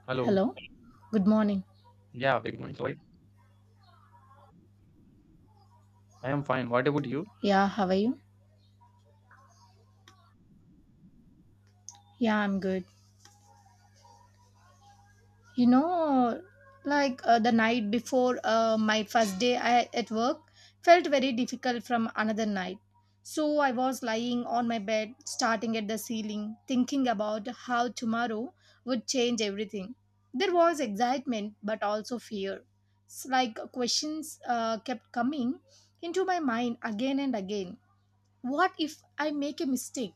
Hello. Hello. Good morning. Yeah, big morning. Sorry. I am fine. What about you? Yeah, how are you? Yeah, I'm good. You know, the night before my first day at work felt very difficult from another night. So I was lying on my bed, starting at the ceiling, thinking about how tomorrow would change everything. There was excitement, but also fear. It's like questions kept coming into my mind again and again. What if I make a mistake?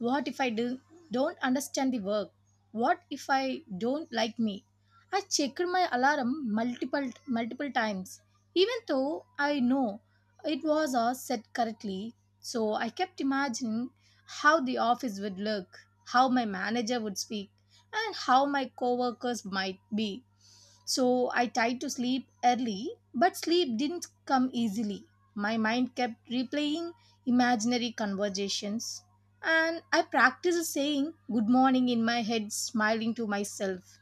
What if I don't understand the work? What if I don't like me? I checked my alarm multiple multiple times, even though I know it was all set correctly. So I kept imagining how the office would look, how my manager would speak, and how my coworkers might be. So I tried to sleep early, but sleep didn't come easily. My mind kept replaying imaginary conversations, and I practiced saying good morning in my head, smiling to myself.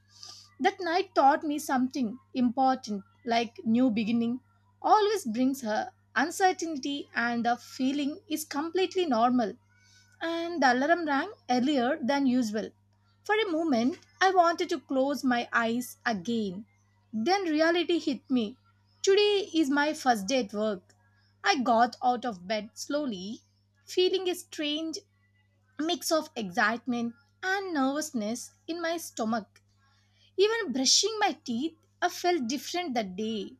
That night taught me something important, like new beginning always brings her uncertainty, and the feeling is completely normal. And the alarm rang earlier than usual. For a moment, I wanted to close my eyes again. Then reality hit me. Today is my first day at work. I got out of bed slowly, feeling a strange mix of excitement and nervousness in my stomach. Even brushing my teeth, I felt different that day.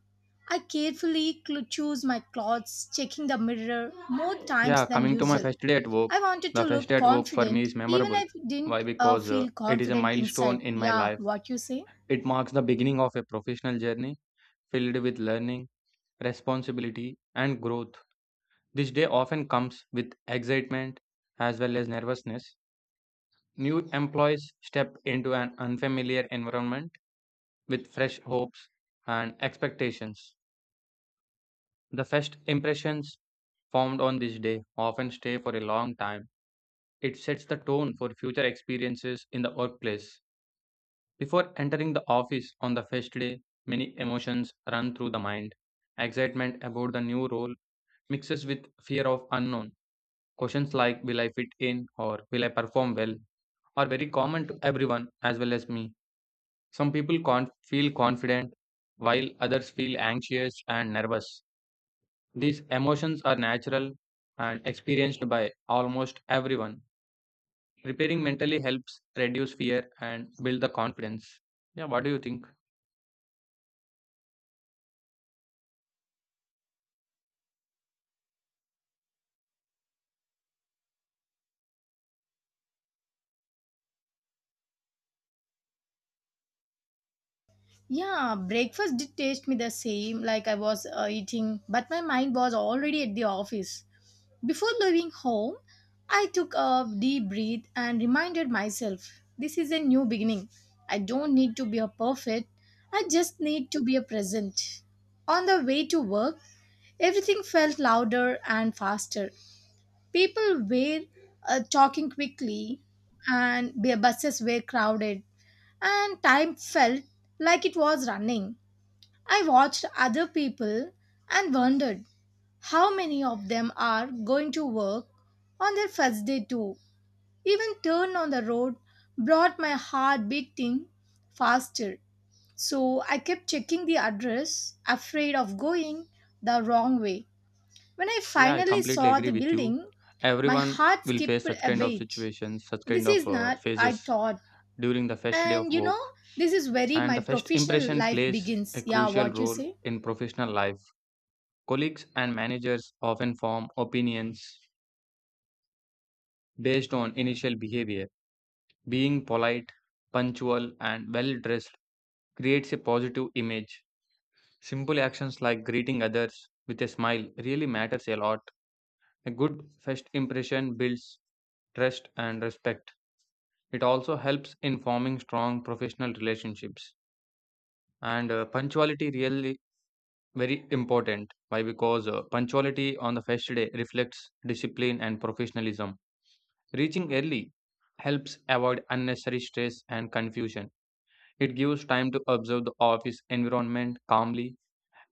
I carefully chose my clothes, checking the mirror more times Yeah, than coming to my usual. first day at work. I wanted The to first day look at work for me confident, is even memorable. if I Why? didn't Because feel it is a confident milestone inside. in my Yeah, life. what you say? It marks the beginning of a professional journey filled with learning, responsibility, and growth. This day often comes with excitement as well as nervousness. New employees step into an unfamiliar environment with fresh hopes and expectations. The first impressions formed on this day often stay for a long time. It sets the tone for future experiences in the workplace. Before entering the office on the first day, many emotions run through the mind. Excitement about the new role mixes with fear of unknown. Questions like will I fit in or will I perform well are very common to everyone as well as me. Some people feel confident while others feel anxious and nervous. These emotions are natural and experienced by almost everyone. Preparing mentally helps reduce fear and build the confidence. Yeah, what do you think? Yeah, breakfast did taste me the same, like I was eating, but my mind was already at the office. Before leaving home, I took a deep breath and reminded myself this is a new beginning. I don't need to be a perfect, I just need to be a present. On the way to work, everything felt louder and faster. People were talking quickly, and the buses were crowded, and time felt like it was running. I watched other people and wondered how many of them are going to work on their first day too. Even turn on the road brought my heart beating faster. So I kept checking the address, afraid of going the wrong way. When I Yeah, I finally completely saw the agree with you. building, my Everyone heart will face skipped such a kind of beat. situations, such kind This of is not, I phases thought. during the first day of And you work. know, this is where And my the first professional impression life plays a begins. Yeah, crucial what you role say? in professional life. Colleagues and managers often form opinions based on initial behavior. Being polite, punctual, and well dressed creates a positive image. Simple actions like greeting others with a smile really matters a lot. A good first impression builds trust and respect. It also helps in forming strong professional relationships. And punctuality really very important. Why? Because punctuality on the first day reflects discipline and professionalism. Reaching early helps avoid unnecessary stress and confusion. It gives time to observe the office environment calmly.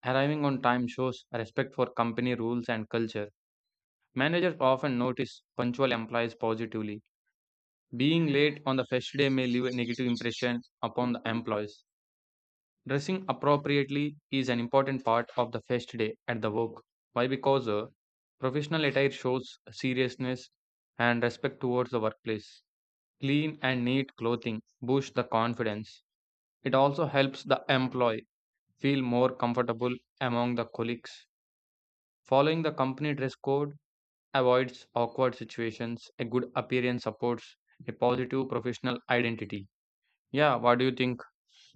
Arriving on time shows respect for company rules and culture. Managers often notice punctual employees positively. Being late on the first day may leave a negative impression upon the employees. Dressing appropriately is an important part of the first day at the work. Why? Because professional attire shows seriousness and respect towards the workplace. Clean and neat clothing boosts the confidence. It also helps the employee feel more comfortable among the colleagues. Following the company dress code avoids awkward situations. A good appearance supports a positive professional identity. Yeah, what do you think?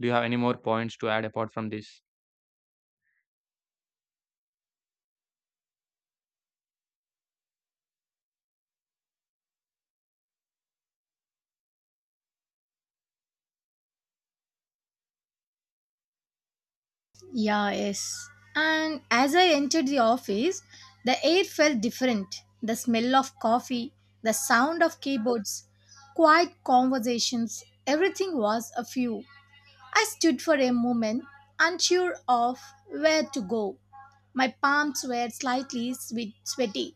Do you have any more points to add apart from this? Yeah, yes. And as I entered the office, the air felt different. The smell of coffee, the sound of keyboards, quiet conversations, everything was a few. I stood for a moment, unsure of where to go. My palms were slightly sweet, sweaty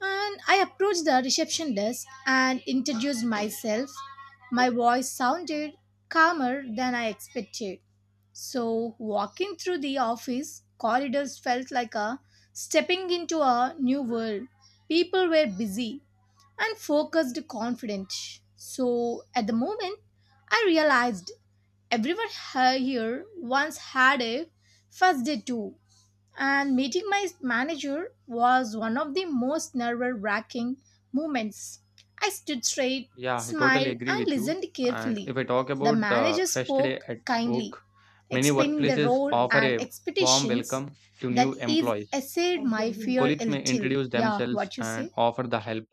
and I approached the reception desk and introduced myself. My voice sounded calmer than I expected. So, walking through the office corridors felt like a stepping into a new world. People were busy and focused confident. So, at the moment, I realized everyone here once had a first day too, and meeting my manager was one of the most nerve wracking moments. I stood straight, Yeah, I totally smiled, agree and with you. listened And carefully. if I talk The about the manager first day spoke at kindly, work, many explaining the workplaces role offer and a warm expectations. welcome to new That is, employees. essayed my fear a Colleagues may little. introduce Yeah, themselves what you and say? offer the help.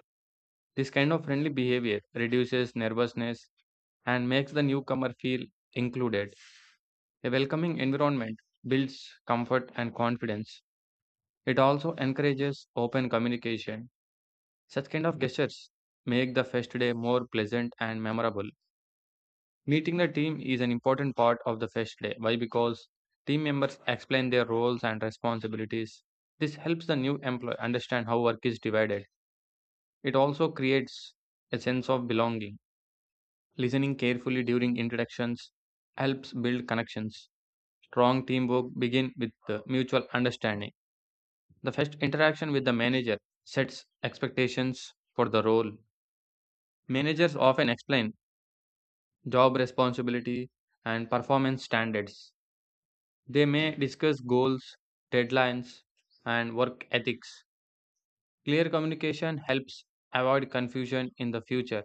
This kind of friendly behavior reduces nervousness and makes the newcomer feel included. A welcoming environment builds comfort and confidence. It also encourages open communication. Such kind of gestures make the fest day more pleasant and memorable. Meeting the team is an important part of the fest day. Why? Because team members explain their roles and responsibilities. This helps the new employee understand how work is divided. It also creates a sense of belonging. Listening carefully during introductions helps build connections. Strong teamwork begins with mutual understanding. The first interaction with the manager sets expectations for the role. Managers often explain job responsibility and performance standards. They may discuss goals, deadlines, and work ethics. Clear communication helps avoid confusion in the future.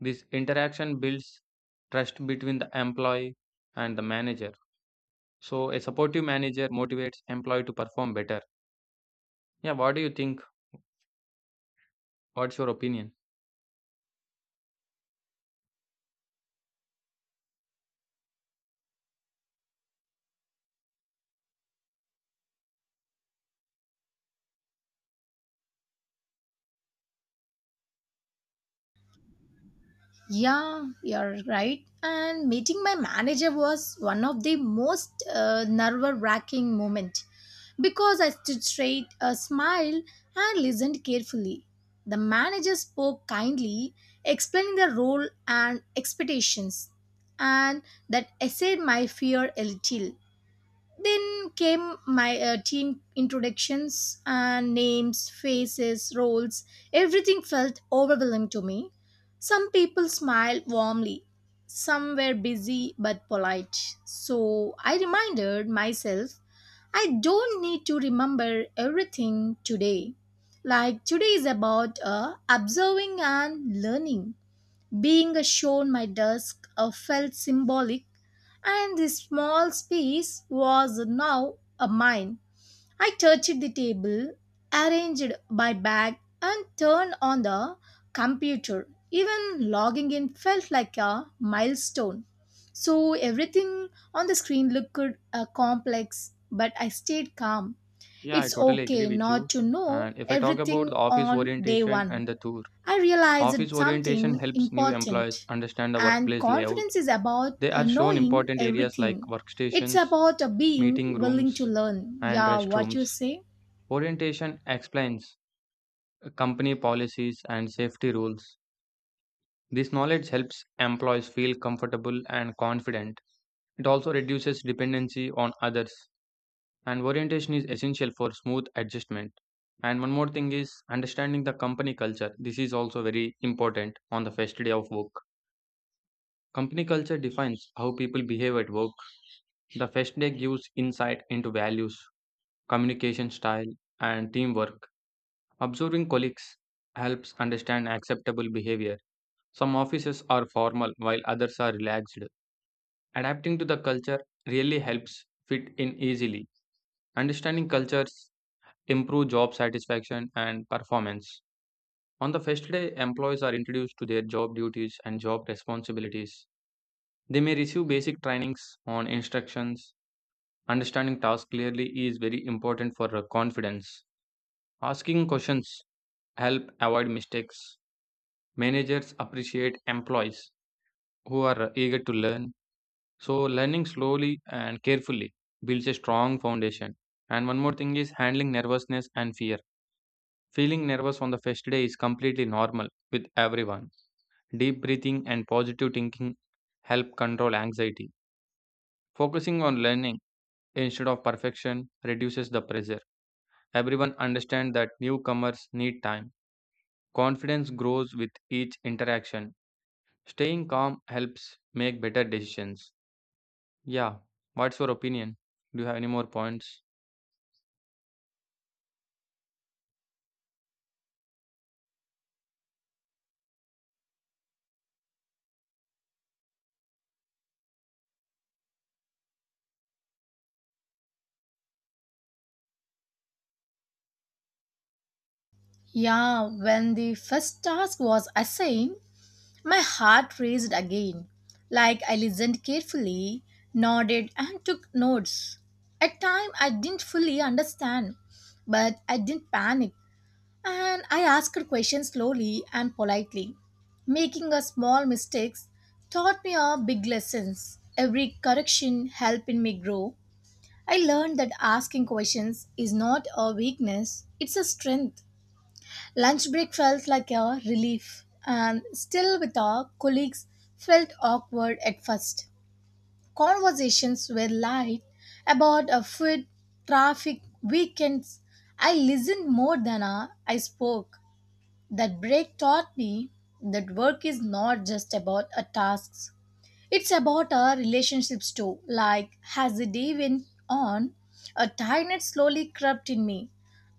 This interaction builds trust between the employee and the manager. So, a supportive manager motivates employee to perform better. Yeah, what do you think? What's your opinion? Yeah, you're right. And meeting my manager was one of the most nerve-wracking moment because I stood straight, a smile, and listened carefully. The manager spoke kindly, explaining the role and expectations, and that essayed my fear a little. Then came my team introductions and names, faces, roles. Everything felt overwhelming to me. Some people smiled warmly, some were busy but polite. So I reminded myself I don't need to remember everything today. Like today is about observing and learning. Being shown my desk felt symbolic, and this small space was now a mine. I touched the table, arranged my bag, and turned on the computer. Even logging in felt like a milestone. So everything on the screen looked complex, but I stayed calm. Yeah, I It's totally agree okay with not you. to know And if I talk about the everything office on day orientation one. and the tour, I office realized orientation something helps new employees important. understand the And workplace layout. confidence is about They uh, are shown knowing important areas like everything. It's workstations, about being meeting willing to rooms, learn. and Yeah, what restrooms. you say? Orientation explains company policies and safety rules. This knowledge helps employees feel comfortable and confident. It also reduces dependency on others. And orientation is essential for smooth adjustment. And one more thing is understanding the company culture. This is also very important on the first day of work. Company culture defines how people behave at work. The first day gives insight into values, communication style, and teamwork. Observing colleagues helps understand acceptable behavior. Some offices are formal while others are relaxed. Adapting to the culture really helps fit in easily. Understanding cultures improve job satisfaction and performance. On the first day, employees are introduced to their job duties and job responsibilities. They may receive basic trainings on instructions. Understanding tasks clearly is very important for confidence. Asking questions help avoid mistakes. Managers appreciate employees who are eager to learn. So learning slowly and carefully builds a strong foundation. And one more thing is handling nervousness and fear. Feeling nervous on the first day is completely normal with everyone. Deep breathing and positive thinking help control anxiety. Focusing on learning instead of perfection reduces the pressure. Everyone understands that newcomers need time. Confidence grows with each interaction. Staying calm helps make better decisions. Yeah, what's your opinion? Do you have any more points? Yeah, when the first task was assigned, my heart raced again. Like I listened carefully, nodded, and took notes. At times, I didn't fully understand, but I didn't panic. And I asked her questions slowly and politely. Making a small mistakes taught me a big lessons. Every correction helping me grow. I learned that asking questions is not a weakness, it's a strength. Lunch break felt like a relief, and still with our colleagues felt awkward at first. Conversations were light about a food, traffic, weekends. I listened more than I spoke that break taught me that work is not just about our tasks. It's about our relationships too. Like, as the day went on, a tiredness slowly crept in me.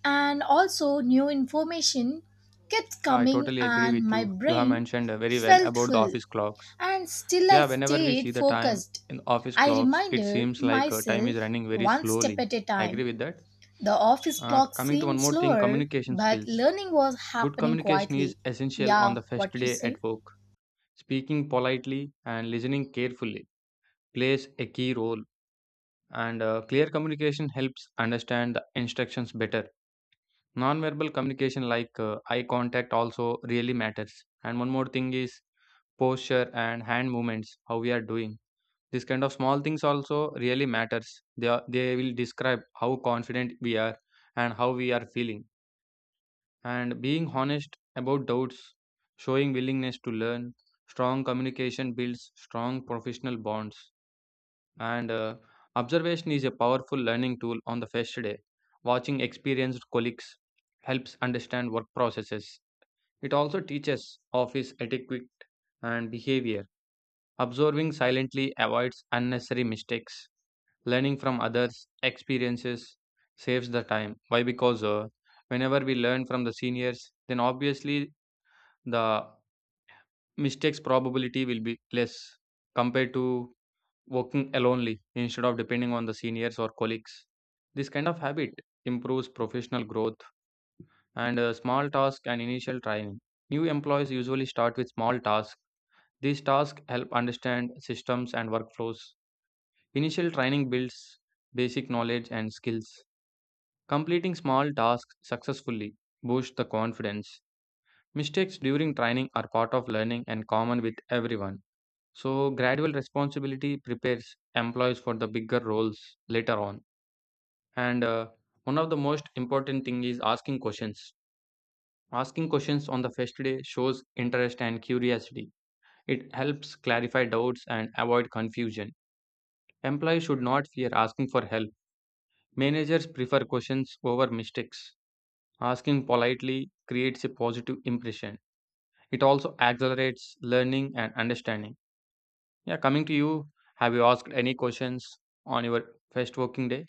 And also, new information kept Yeah, I coming, totally agree and with my you. You have brain mentioned very well felt about the full. office clocks. And still, I Yeah, whenever we stayed see the time focused. in office I clocks, it reminded seems like time is myself running very one step slowly. at a I agree time with that. the office clock Coming to one seemed more thing, slower, communication but skills. learning was Good happening communication is quietly. essential on Yeah, the first what you day at say? work. Speaking politely and listening carefully plays a key role, and clear communication helps understand the instructions better. Non-verbal communication like eye contact also really matters. And one more thing is posture and hand movements, how we are doing. This kind of small things also really matters. They will describe how confident we are and how we are feeling. And being honest about doubts, showing willingness to learn, strong communication builds strong professional bonds. And observation is a powerful learning tool on the first day. Watching experienced colleagues helps understand work processes. It also teaches office etiquette and behavior. Observing silently avoids unnecessary mistakes. Learning from others experiences saves the time. Why? Because whenever we learn from the seniors, then obviously the mistakes probability will be less compared to working alonely instead of depending on the seniors or colleagues. This kind of habit improves professional growth. And small task and initial training, new employees usually start with small tasks. These tasks help understand systems and workflows. Initial training builds basic knowledge and skills. Completing small tasks successfully boosts the confidence. Mistakes during training are part of learning and common with everyone. So, gradual responsibility prepares employees for the bigger roles later on. And one of the most important thing is asking questions. Asking questions on the first day shows interest and curiosity. It helps clarify doubts and avoid confusion. Employees should not fear asking for help. Managers prefer questions over mistakes. Asking politely creates a positive impression. It also accelerates learning and understanding. Yeah, coming to you, have you asked any questions on your first working day?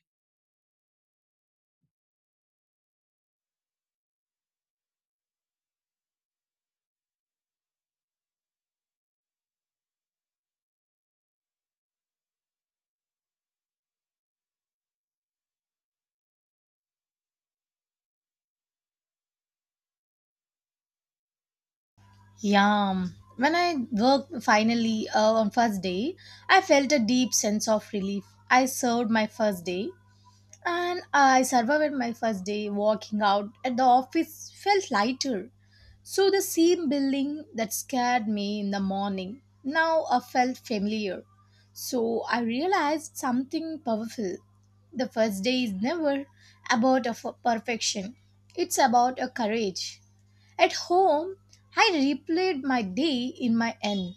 Yeah. When I worked finally on first day, I felt a deep sense of relief. I served my first day and I survived my first day walking out at the office felt lighter. So the same building that scared me in the morning now I felt familiar. So I realized something powerful. The first day is never about a perfection. It's about a courage. At home, I replayed my day in my end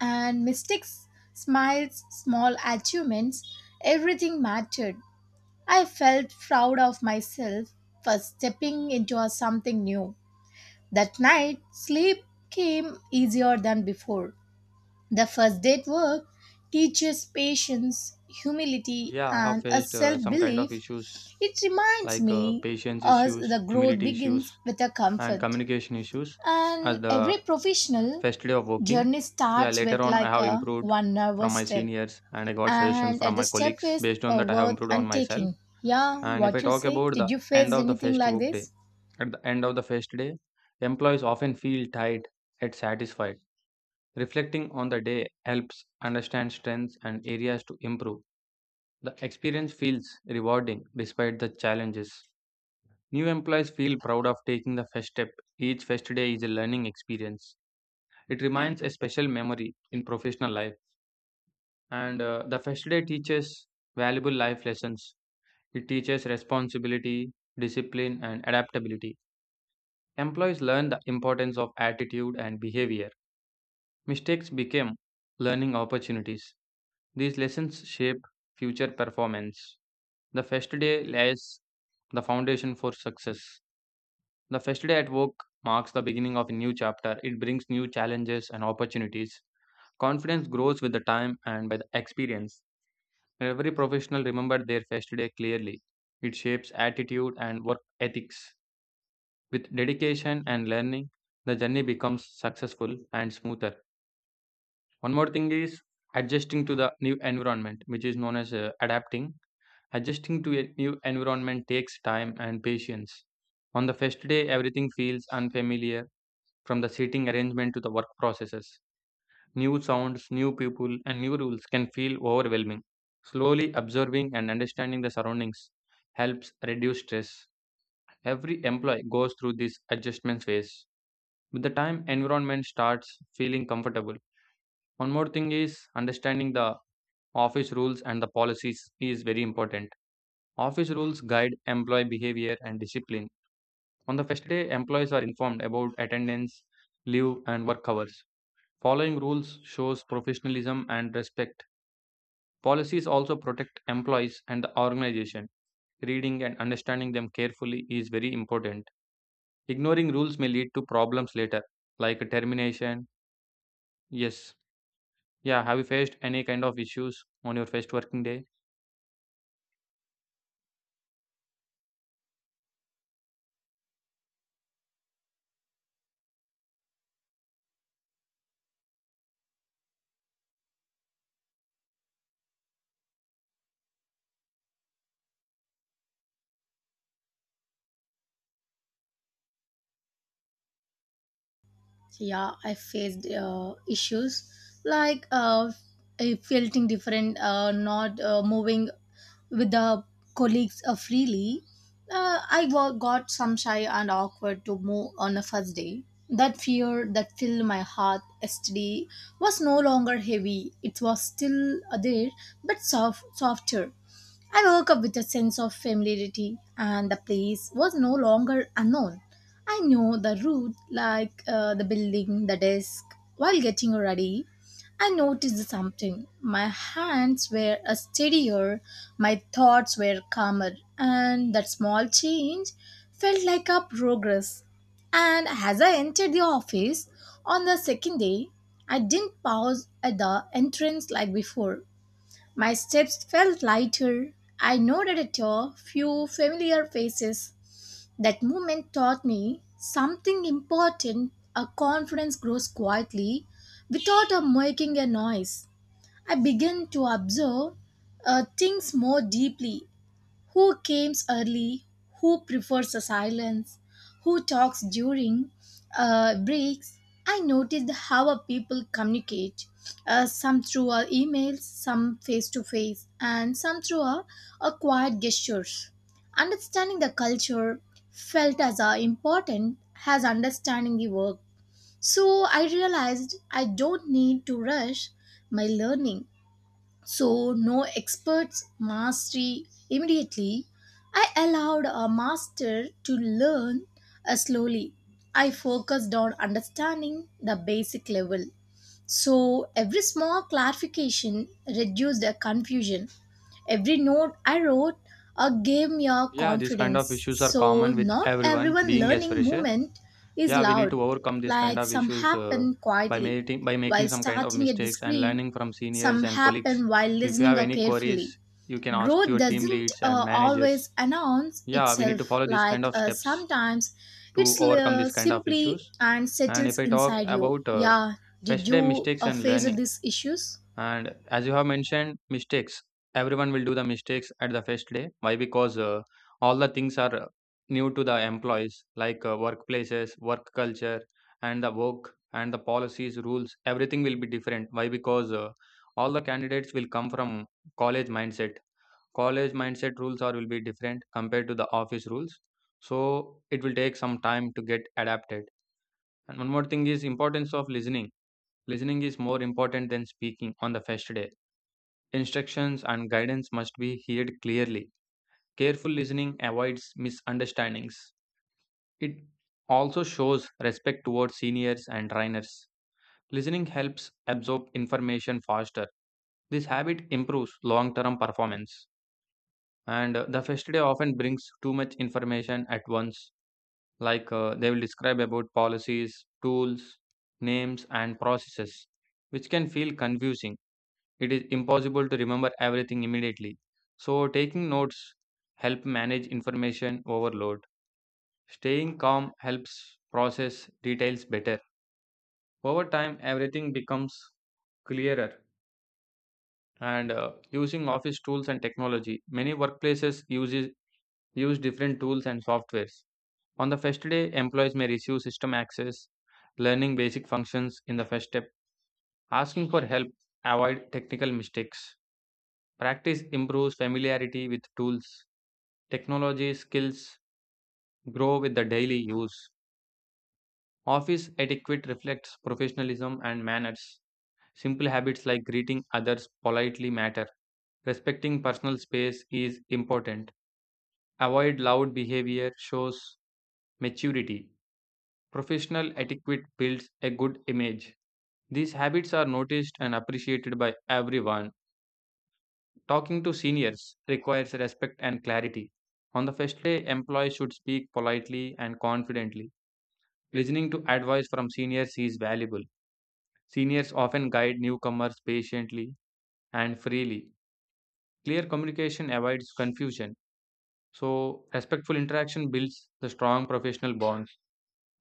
and mistakes, smiles, small achievements, everything mattered. I felt proud of myself for stepping into a something new. That night, sleep came easier than before. The first day at work teaches patience, humility, Yeah, I have and a faced self some kind of belief. issues It reminds like me patience as issues, the growth humility begins issues, with a and comfort. communication issues And as every the professional first day of working. journey Yeah, starts later with on, I like have a improved one from nervous my step. seniors and I got suggestions And from at the my step colleagues. is Based on a that, I have worth improved on and myself. taking. Yeah, And if I what you talk say? about Did the you end face of the anything first like work day, this? at the end of the fest day, employees often feel tired yet satisfied. Reflecting on the day helps understand strengths and areas to improve. The experience feels rewarding despite the challenges. New employees feel proud of taking the first step. Each first day is a learning experience. It remains a special memory in professional life. And the first day teaches valuable life lessons. It teaches responsibility, discipline, and adaptability. Employees learn the importance of attitude and behavior. Mistakes became learning opportunities. These lessons shape future performance. The first day lays the foundation for success. The first day at work marks the beginning of a new chapter. It brings new challenges and opportunities. Confidence grows with the time and by the experience. Every professional remembers their first day clearly. It shapes attitude and work ethics. With dedication and learning, the journey becomes successful and smoother. One more thing is adjusting to the new environment, which is known as adapting. Adjusting to a new environment takes time and patience. On the first day, everything feels unfamiliar from the seating arrangement to the work processes. New sounds, new people, and new rules can feel overwhelming. Slowly observing and understanding the surroundings helps reduce stress. Every employee goes through this adjustment phase. With the time, environment starts feeling comfortable. One more thing is understanding the office rules and the policies is very important. Office rules guide employee behavior and discipline. On the first day, employees are informed about attendance, leave, and work hours. Following rules shows professionalism and respect. Policies also protect employees and the organization. Reading and understanding them carefully is very important. Ignoring rules may lead to problems later, like termination. Yes. Yeah, have you faced any kind of issues on your first working day? Yeah, I faced issues like feeling different not moving with the colleagues freely, I got some shy and awkward to move on the first day. That fear that filled my heart yesterday was no longer heavy. It was still there, but softer. I woke up with a sense of familiarity, and the place was no longer unknown. I knew the route, like the building, the desk. While getting ready, I noticed something. My hands were steadier, my thoughts were calmer, and that small change felt like a progress. And as I entered the office on the second day, I didn't pause at the entrance like before. My steps felt lighter. I nodded at a few familiar faces. That moment taught me something important. A confidence grows quietly without a making a noise. I began to observe things more deeply. Who comes early? Who prefers the silence? Who talks during breaks? I noticed how our people communicate. Some through our emails, some face to face, and some through our quiet gestures. Understanding the culture felt as important as understanding the work. So I realized I don't need to rush my learning, so no experts mastery immediately. I allowed a master to learn slowly. I focused on understanding the basic level, so every small clarification reduced the confusion. Every note I wrote gave me a Yeah, these kind of confidence. issues are So common with not everyone everyone being as learning fresher. movement is Yeah, we need loud, to overcome these kind like of some issues happen quietly by while making some kind of starting a mistakes and discreet, learning from some seniors and colleagues. happen while If you listening have any queries, carefully. you can ask to Growth your team doesn't leads and uh, always managers. announce Yeah, we need itself, to follow these kind like of uh, steps sometimes to it's overcome these kind of simply issues. and And if settles I talk inside you. about Yeah, did first day you mistakes uh, and face learning, these issues? and as you have mentioned, mistakes. Everyone will do the mistakes at the first day. Why? Because all the things are new to the employees, like workplaces, work culture, and the work and the policies, rules. Everything will be different. Why? Because all the candidates will come from college mindset. College mindset rules are will be different compared to the office rules. So it will take some time to get adapted. And one more thing is importance of listening. Listening is more important than speaking on the first day. Instructions and guidance must be heard clearly. Careful listening avoids misunderstandings. It also shows respect towards seniors and trainers. Listening helps absorb information faster. This habit improves long term performance. And the first day often brings too much information at once, like they will describe about policies, tools, names, and processes, which can feel confusing. It is impossible to remember everything immediately. So, taking notes help manage information overload. Staying calm helps process details better. Over time, everything becomes clearer. And using office tools and technology, many workplaces uses use different tools and softwares. On the first day, employees may receive system access, learning basic functions in the first step, asking for help, avoid technical mistakes. Practice improves familiarity with tools. Technology skills grow with the daily use. Office etiquette reflects professionalism and manners. Simple habits like greeting others politely matter. Respecting personal space is important. Avoid loud behavior shows maturity. Professional etiquette builds a good image. These habits are noticed and appreciated by everyone. Talking to seniors requires respect and clarity. On the first day, employees should speak politely and confidently. Listening to advice from seniors is valuable. Seniors often guide newcomers patiently and freely. Clear communication avoids confusion. So, respectful interaction builds the strong professional bonds.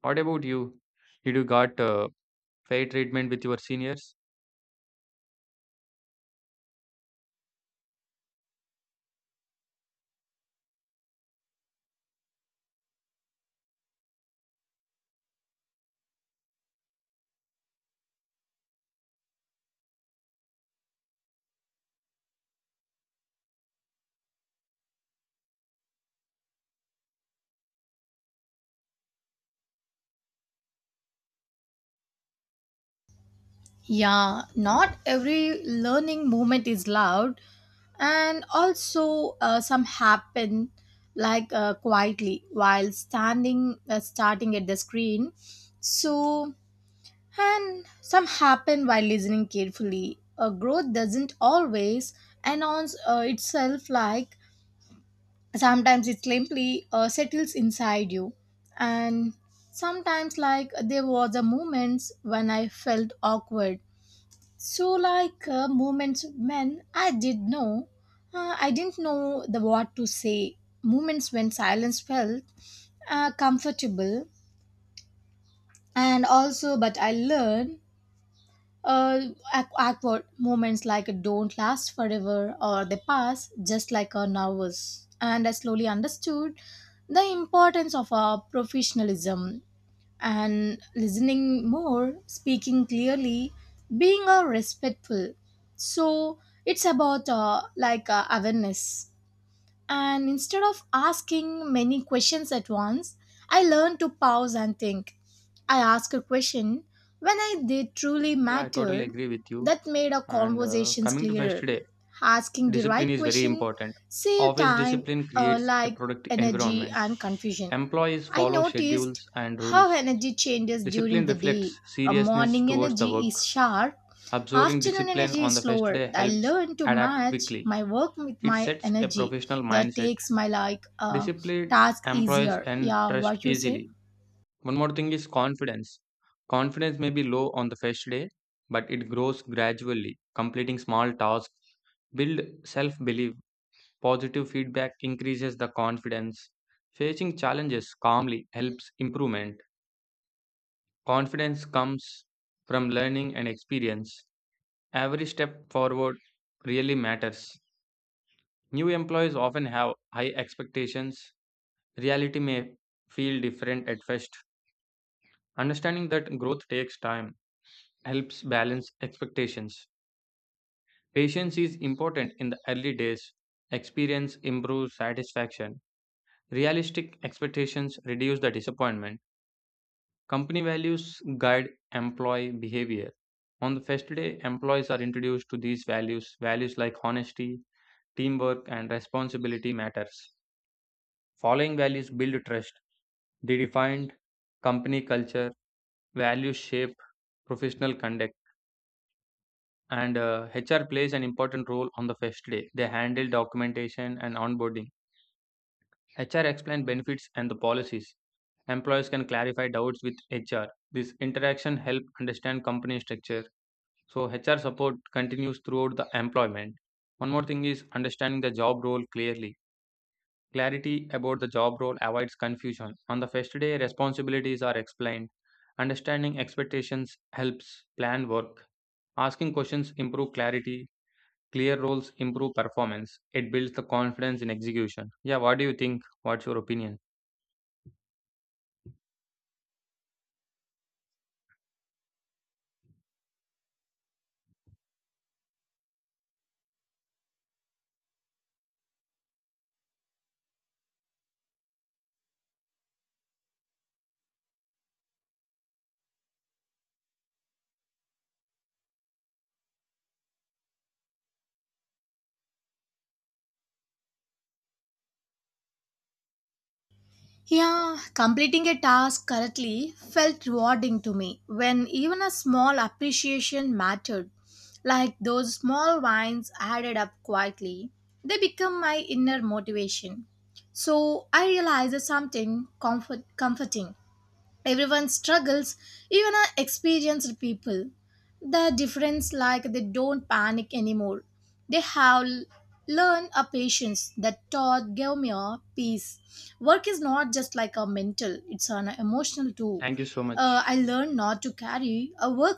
What about you? Did you got fair treatment with your seniors? Yeah, not every learning moment is loud, and also some happen like quietly while standing starting at the screen. So and some happen while listening carefully. A growth doesn't always announce itself, like sometimes it simply settles inside you. And sometimes like there was a moments when I felt awkward. So like moments when I didn't know the what to say. Moments when silence felt comfortable and also but I learned awkward moments like don't last forever or they pass just like a nervous. And I slowly understood the importance of our professionalism and listening more, speaking clearly, being respectful. So it's about awareness. And instead of asking many questions at once, I learned to pause and think. I asked a question when I did truly Yeah, I totally mattered agree with you. that made our And conversations coming to first clearer. day. Asking the Discipline right is very question important. saved Office time, discipline creates a like productive energy environment. and confusion. Employees I follow noticed schedules and how rules. energy changes during Discipline the day. reflects A seriousness morning towards the energy work. is sharp, Observing afternoon discipline energy on is the first slower. day I helps learn to adapt match quickly. my work with It my sets a energy. professional That mindset. takes my Disciplined task employees easier. and Yeah, trust what you say? easily. One more thing is confidence. Confidence may be low on the first day, but it grows gradually. Completing small tasks build self belief. Positive feedback increases the confidence. Facing challenges calmly helps improvement. Confidence comes from learning and experience. Every step forward really matters. New employees often have high expectations. Reality may feel different at first. Understanding that growth takes time helps balance expectations. Patience is important in the early days. Experience improves satisfaction. Realistic expectations reduce the disappointment. Company values guide employee behavior. On the first day, employees are introduced to these values. Values like honesty, teamwork, and responsibility matters. Following values build trust. They define company culture. Values shape professional conduct. And HR plays an important role on the first day. They handle documentation and onboarding. HR explains benefits and the policies. Employees can clarify doubts with HR. This interaction helps understand company structure. So HR support continues throughout the employment. One more thing is understanding the job role clearly. Clarity about the job role avoids confusion. On the first day, responsibilities are explained. Understanding expectations helps plan work. Asking questions improve clarity. Clear roles improve performance. It builds the confidence in execution. Yeah, what do you think? What's your opinion? Yeah, completing a task correctly felt rewarding to me when even a small appreciation mattered. Like those small wines added up quietly, they become my inner motivation. So I realized something comforting. Everyone struggles, even our experienced people. The difference like they don't panic anymore. They have learned a patience that taught gave me a peace. Work is not just like a mental, it's an emotional too. Thank you so I much. learned not to carry a work